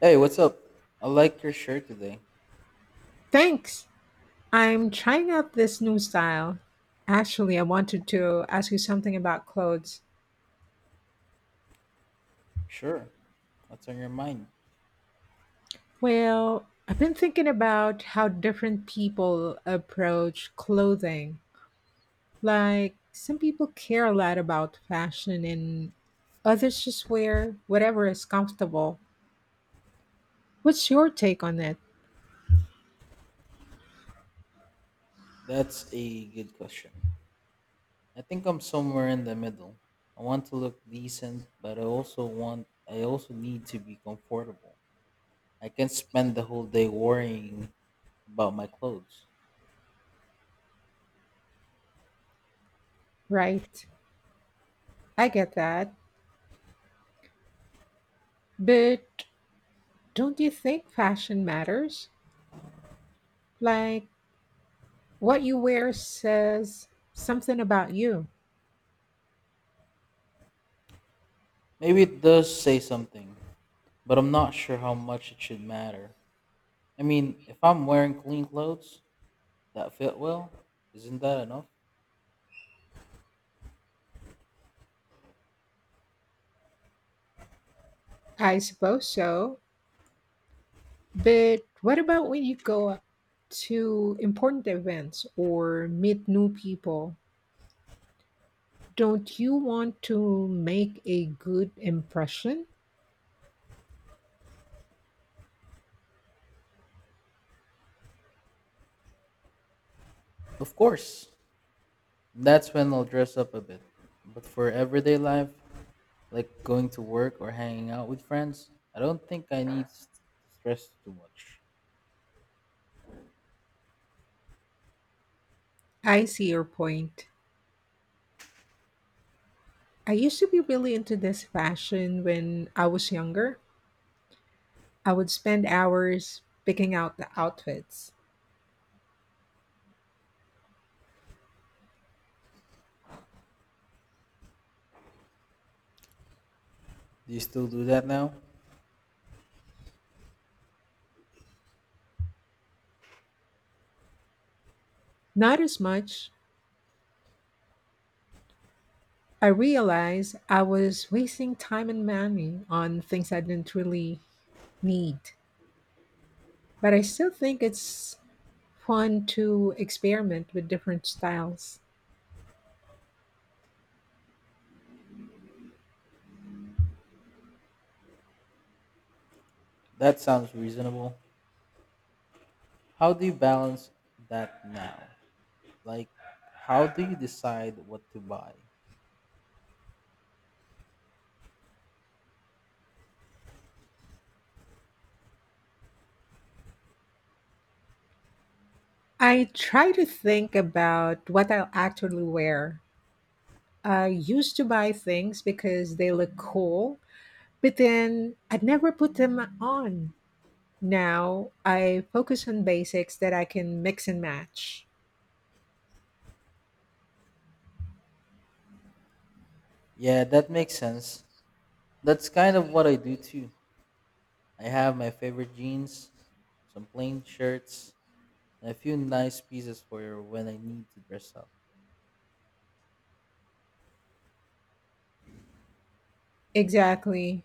Hey, what's up? I like your shirt today. Thanks. I'm trying out this new style. Actually, I wanted to ask you something about clothes. Sure. What's on your mind? Well, I've been thinking about how different people approach clothing. Like, some people care a lot about fashion, and others just wear whatever is comfortable. What's your take on it? That's a good question. I think I'm somewhere in the middle. I want to look decent, but I also want I also need to be comfortable. I can't spend the whole day worrying about my clothes. Right. I get that. But don't you think fashion matters? Like, what you wear says something about you. Maybe it does say something, but I'm not sure how much it should matter. I mean, if I'm wearing clean clothes that fit well, isn't that enough? I suppose so. But what about when you go to important events or meet new people? Don't you want to make a good impression? Of course. That's when I'll dress up a bit. But for everyday life, like going to work or hanging out with friends, I don't think I need to stress too much. I see your point. I used to be really into this fashion when I was younger. I would spend hours picking out the outfits. Do you still do that now? Not as much. I realized I was wasting time and money on things I didn't really need. But I still think it's fun to experiment with different styles. That sounds reasonable. How do you balance that now? Like, how do you decide what to buy? I try to think about what I'll actually wear. I used to buy things because they look cool, but then I'd never put them on. Now I focus on basics that I can mix and match. Yeah, that makes sense. That's kind of what I do too. I have my favorite jeans, some plain shirts, and a few nice pieces for when I need to dress up. Exactly.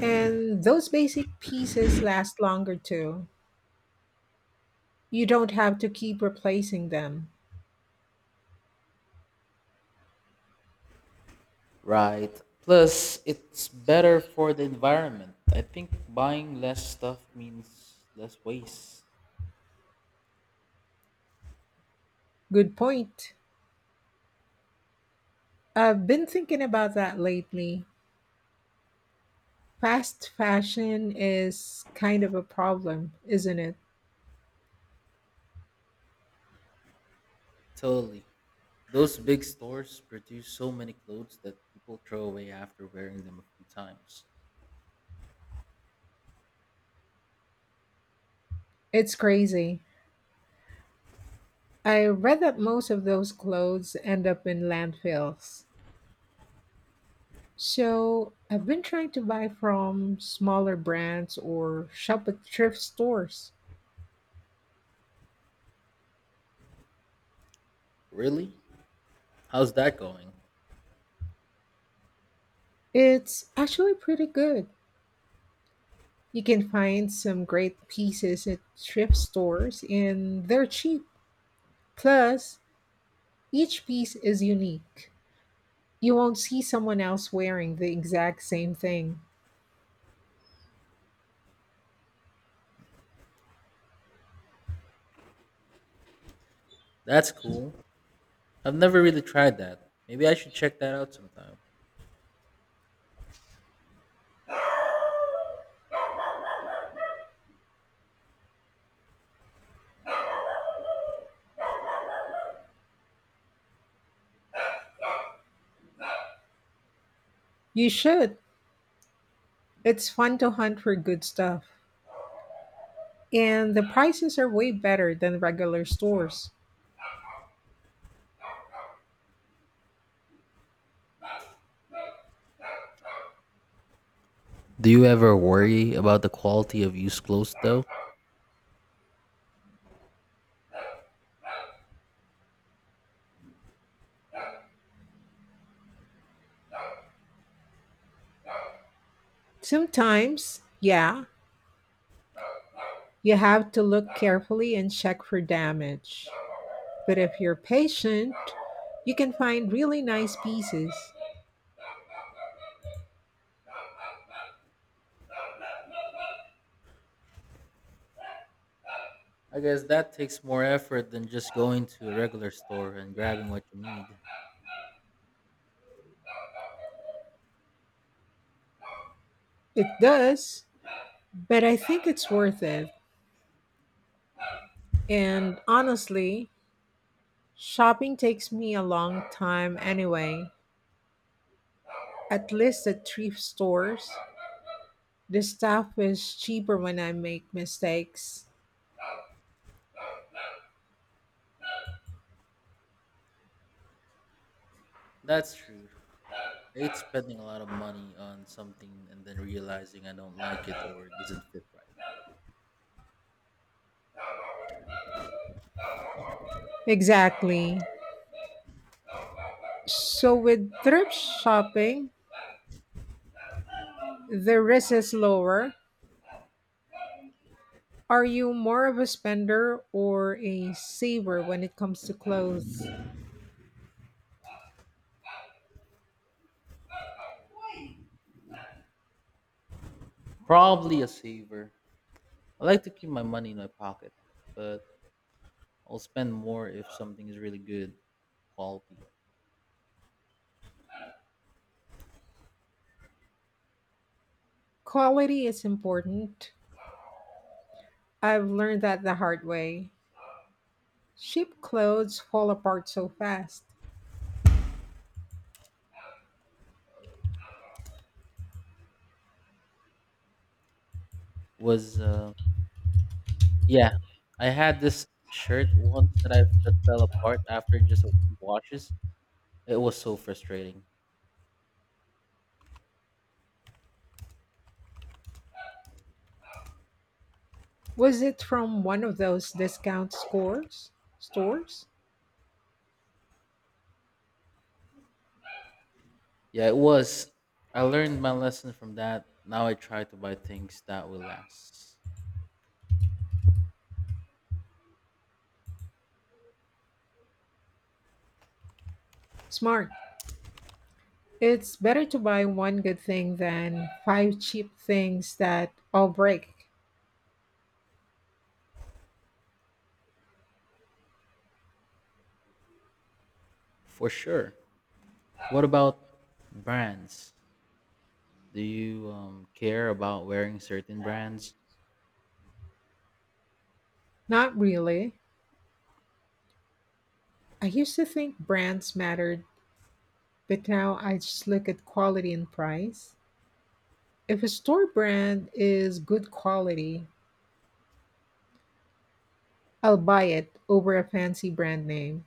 And those basic pieces last longer too. You don't have to keep replacing them. Right. Plus, it's better for the environment. I think buying less stuff means less waste. Good point. I've been thinking about that lately. Fast fashion is kind of a problem, isn't it? Totally. Those big stores produce so many clothes that people throw away after wearing them a few times. It's crazy. I read that most of those clothes end up in landfills. So I've been trying to buy from smaller brands or shop at thrift stores. Really? How's that going? It's actually pretty good. You can find some great pieces at thrift stores and they're cheap. Plus, each piece is unique. You won't see someone else wearing the exact same thing. That's cool. I've never really tried that. Maybe I should check that out sometime. You should. It's fun to hunt for good stuff. And the prices are way better than regular stores. Do you ever worry about the quality of used clothes though? Sometimes, yeah, you have to look carefully and check for damage. But if you're patient, you can find really nice pieces. I guess that takes more effort than just going to a regular store and grabbing what you need. It does, but I think it's worth it. And honestly, shopping takes me a long time anyway. At least at thrift stores, the stuff is cheaper when I make mistakes. That's true. It's spending a lot of money on something and then realizing I don't like it or it doesn't fit right. Exactly. So with thrift shopping, the risk is lower. Are you more of a spender or a saver when it comes to clothes? Probably a saver. I like to keep my money in my pocket, but I'll spend more if something is really good quality. Quality is important. I've learned that the hard way. Cheap clothes fall apart so fast. Was Yeah, I had this shirt once that fell apart after just a few washes. It was so frustrating. Was it from one of those discount scores? Stores? Yeah, it was. I learned my lesson from that. Now I try to buy things that will last. Smart. It's better to buy one good thing than five cheap things that all break. For sure. What about brands? Do you care about wearing certain brands? Not really. I used to think brands mattered, but now I just look at quality and price. If a store brand is good quality, I'll buy it over a fancy brand name.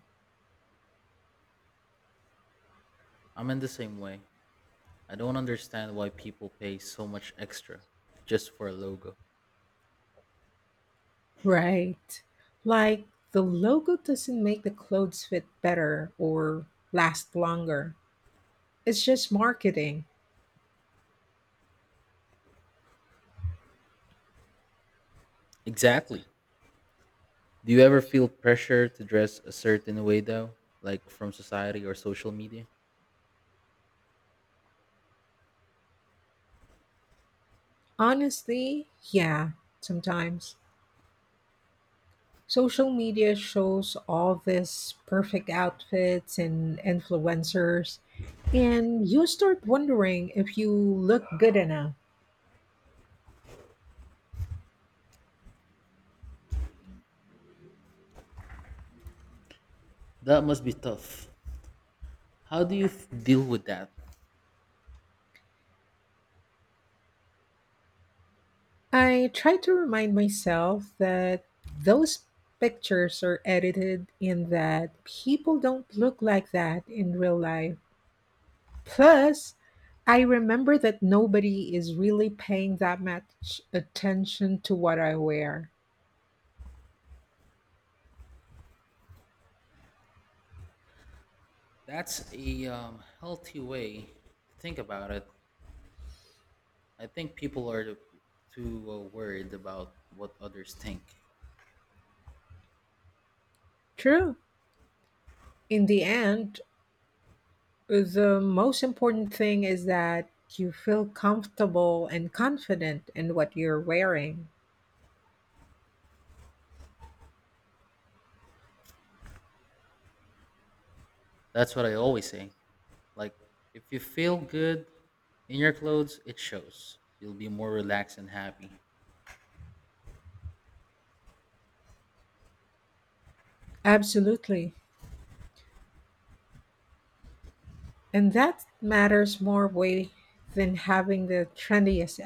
I'm in the same way. I don't understand why people pay so much extra just for a logo. Right. Like the logo doesn't make the clothes fit better or last longer. It's just marketing. Exactly. Do you ever feel pressure to dress a certain way though, like from society or social media? Honestly, yeah, sometimes. Social media shows all these perfect outfits and influencers, and you start wondering if you look good enough. That must be tough. How do you deal with that? I try to remind myself that those pictures are edited and that people don't look like that in real life. Plus, I remember that nobody is really paying that much attention to what I wear. That's a healthy way to think about it. I think people are too worried about what others think. True. In the end, the most important thing is that you feel comfortable and confident in what you're wearing. That's what I always say. Like, if you feel good in your clothes, it shows. You'll be more relaxed and happy. Absolutely. And that matters more way than having the trendiest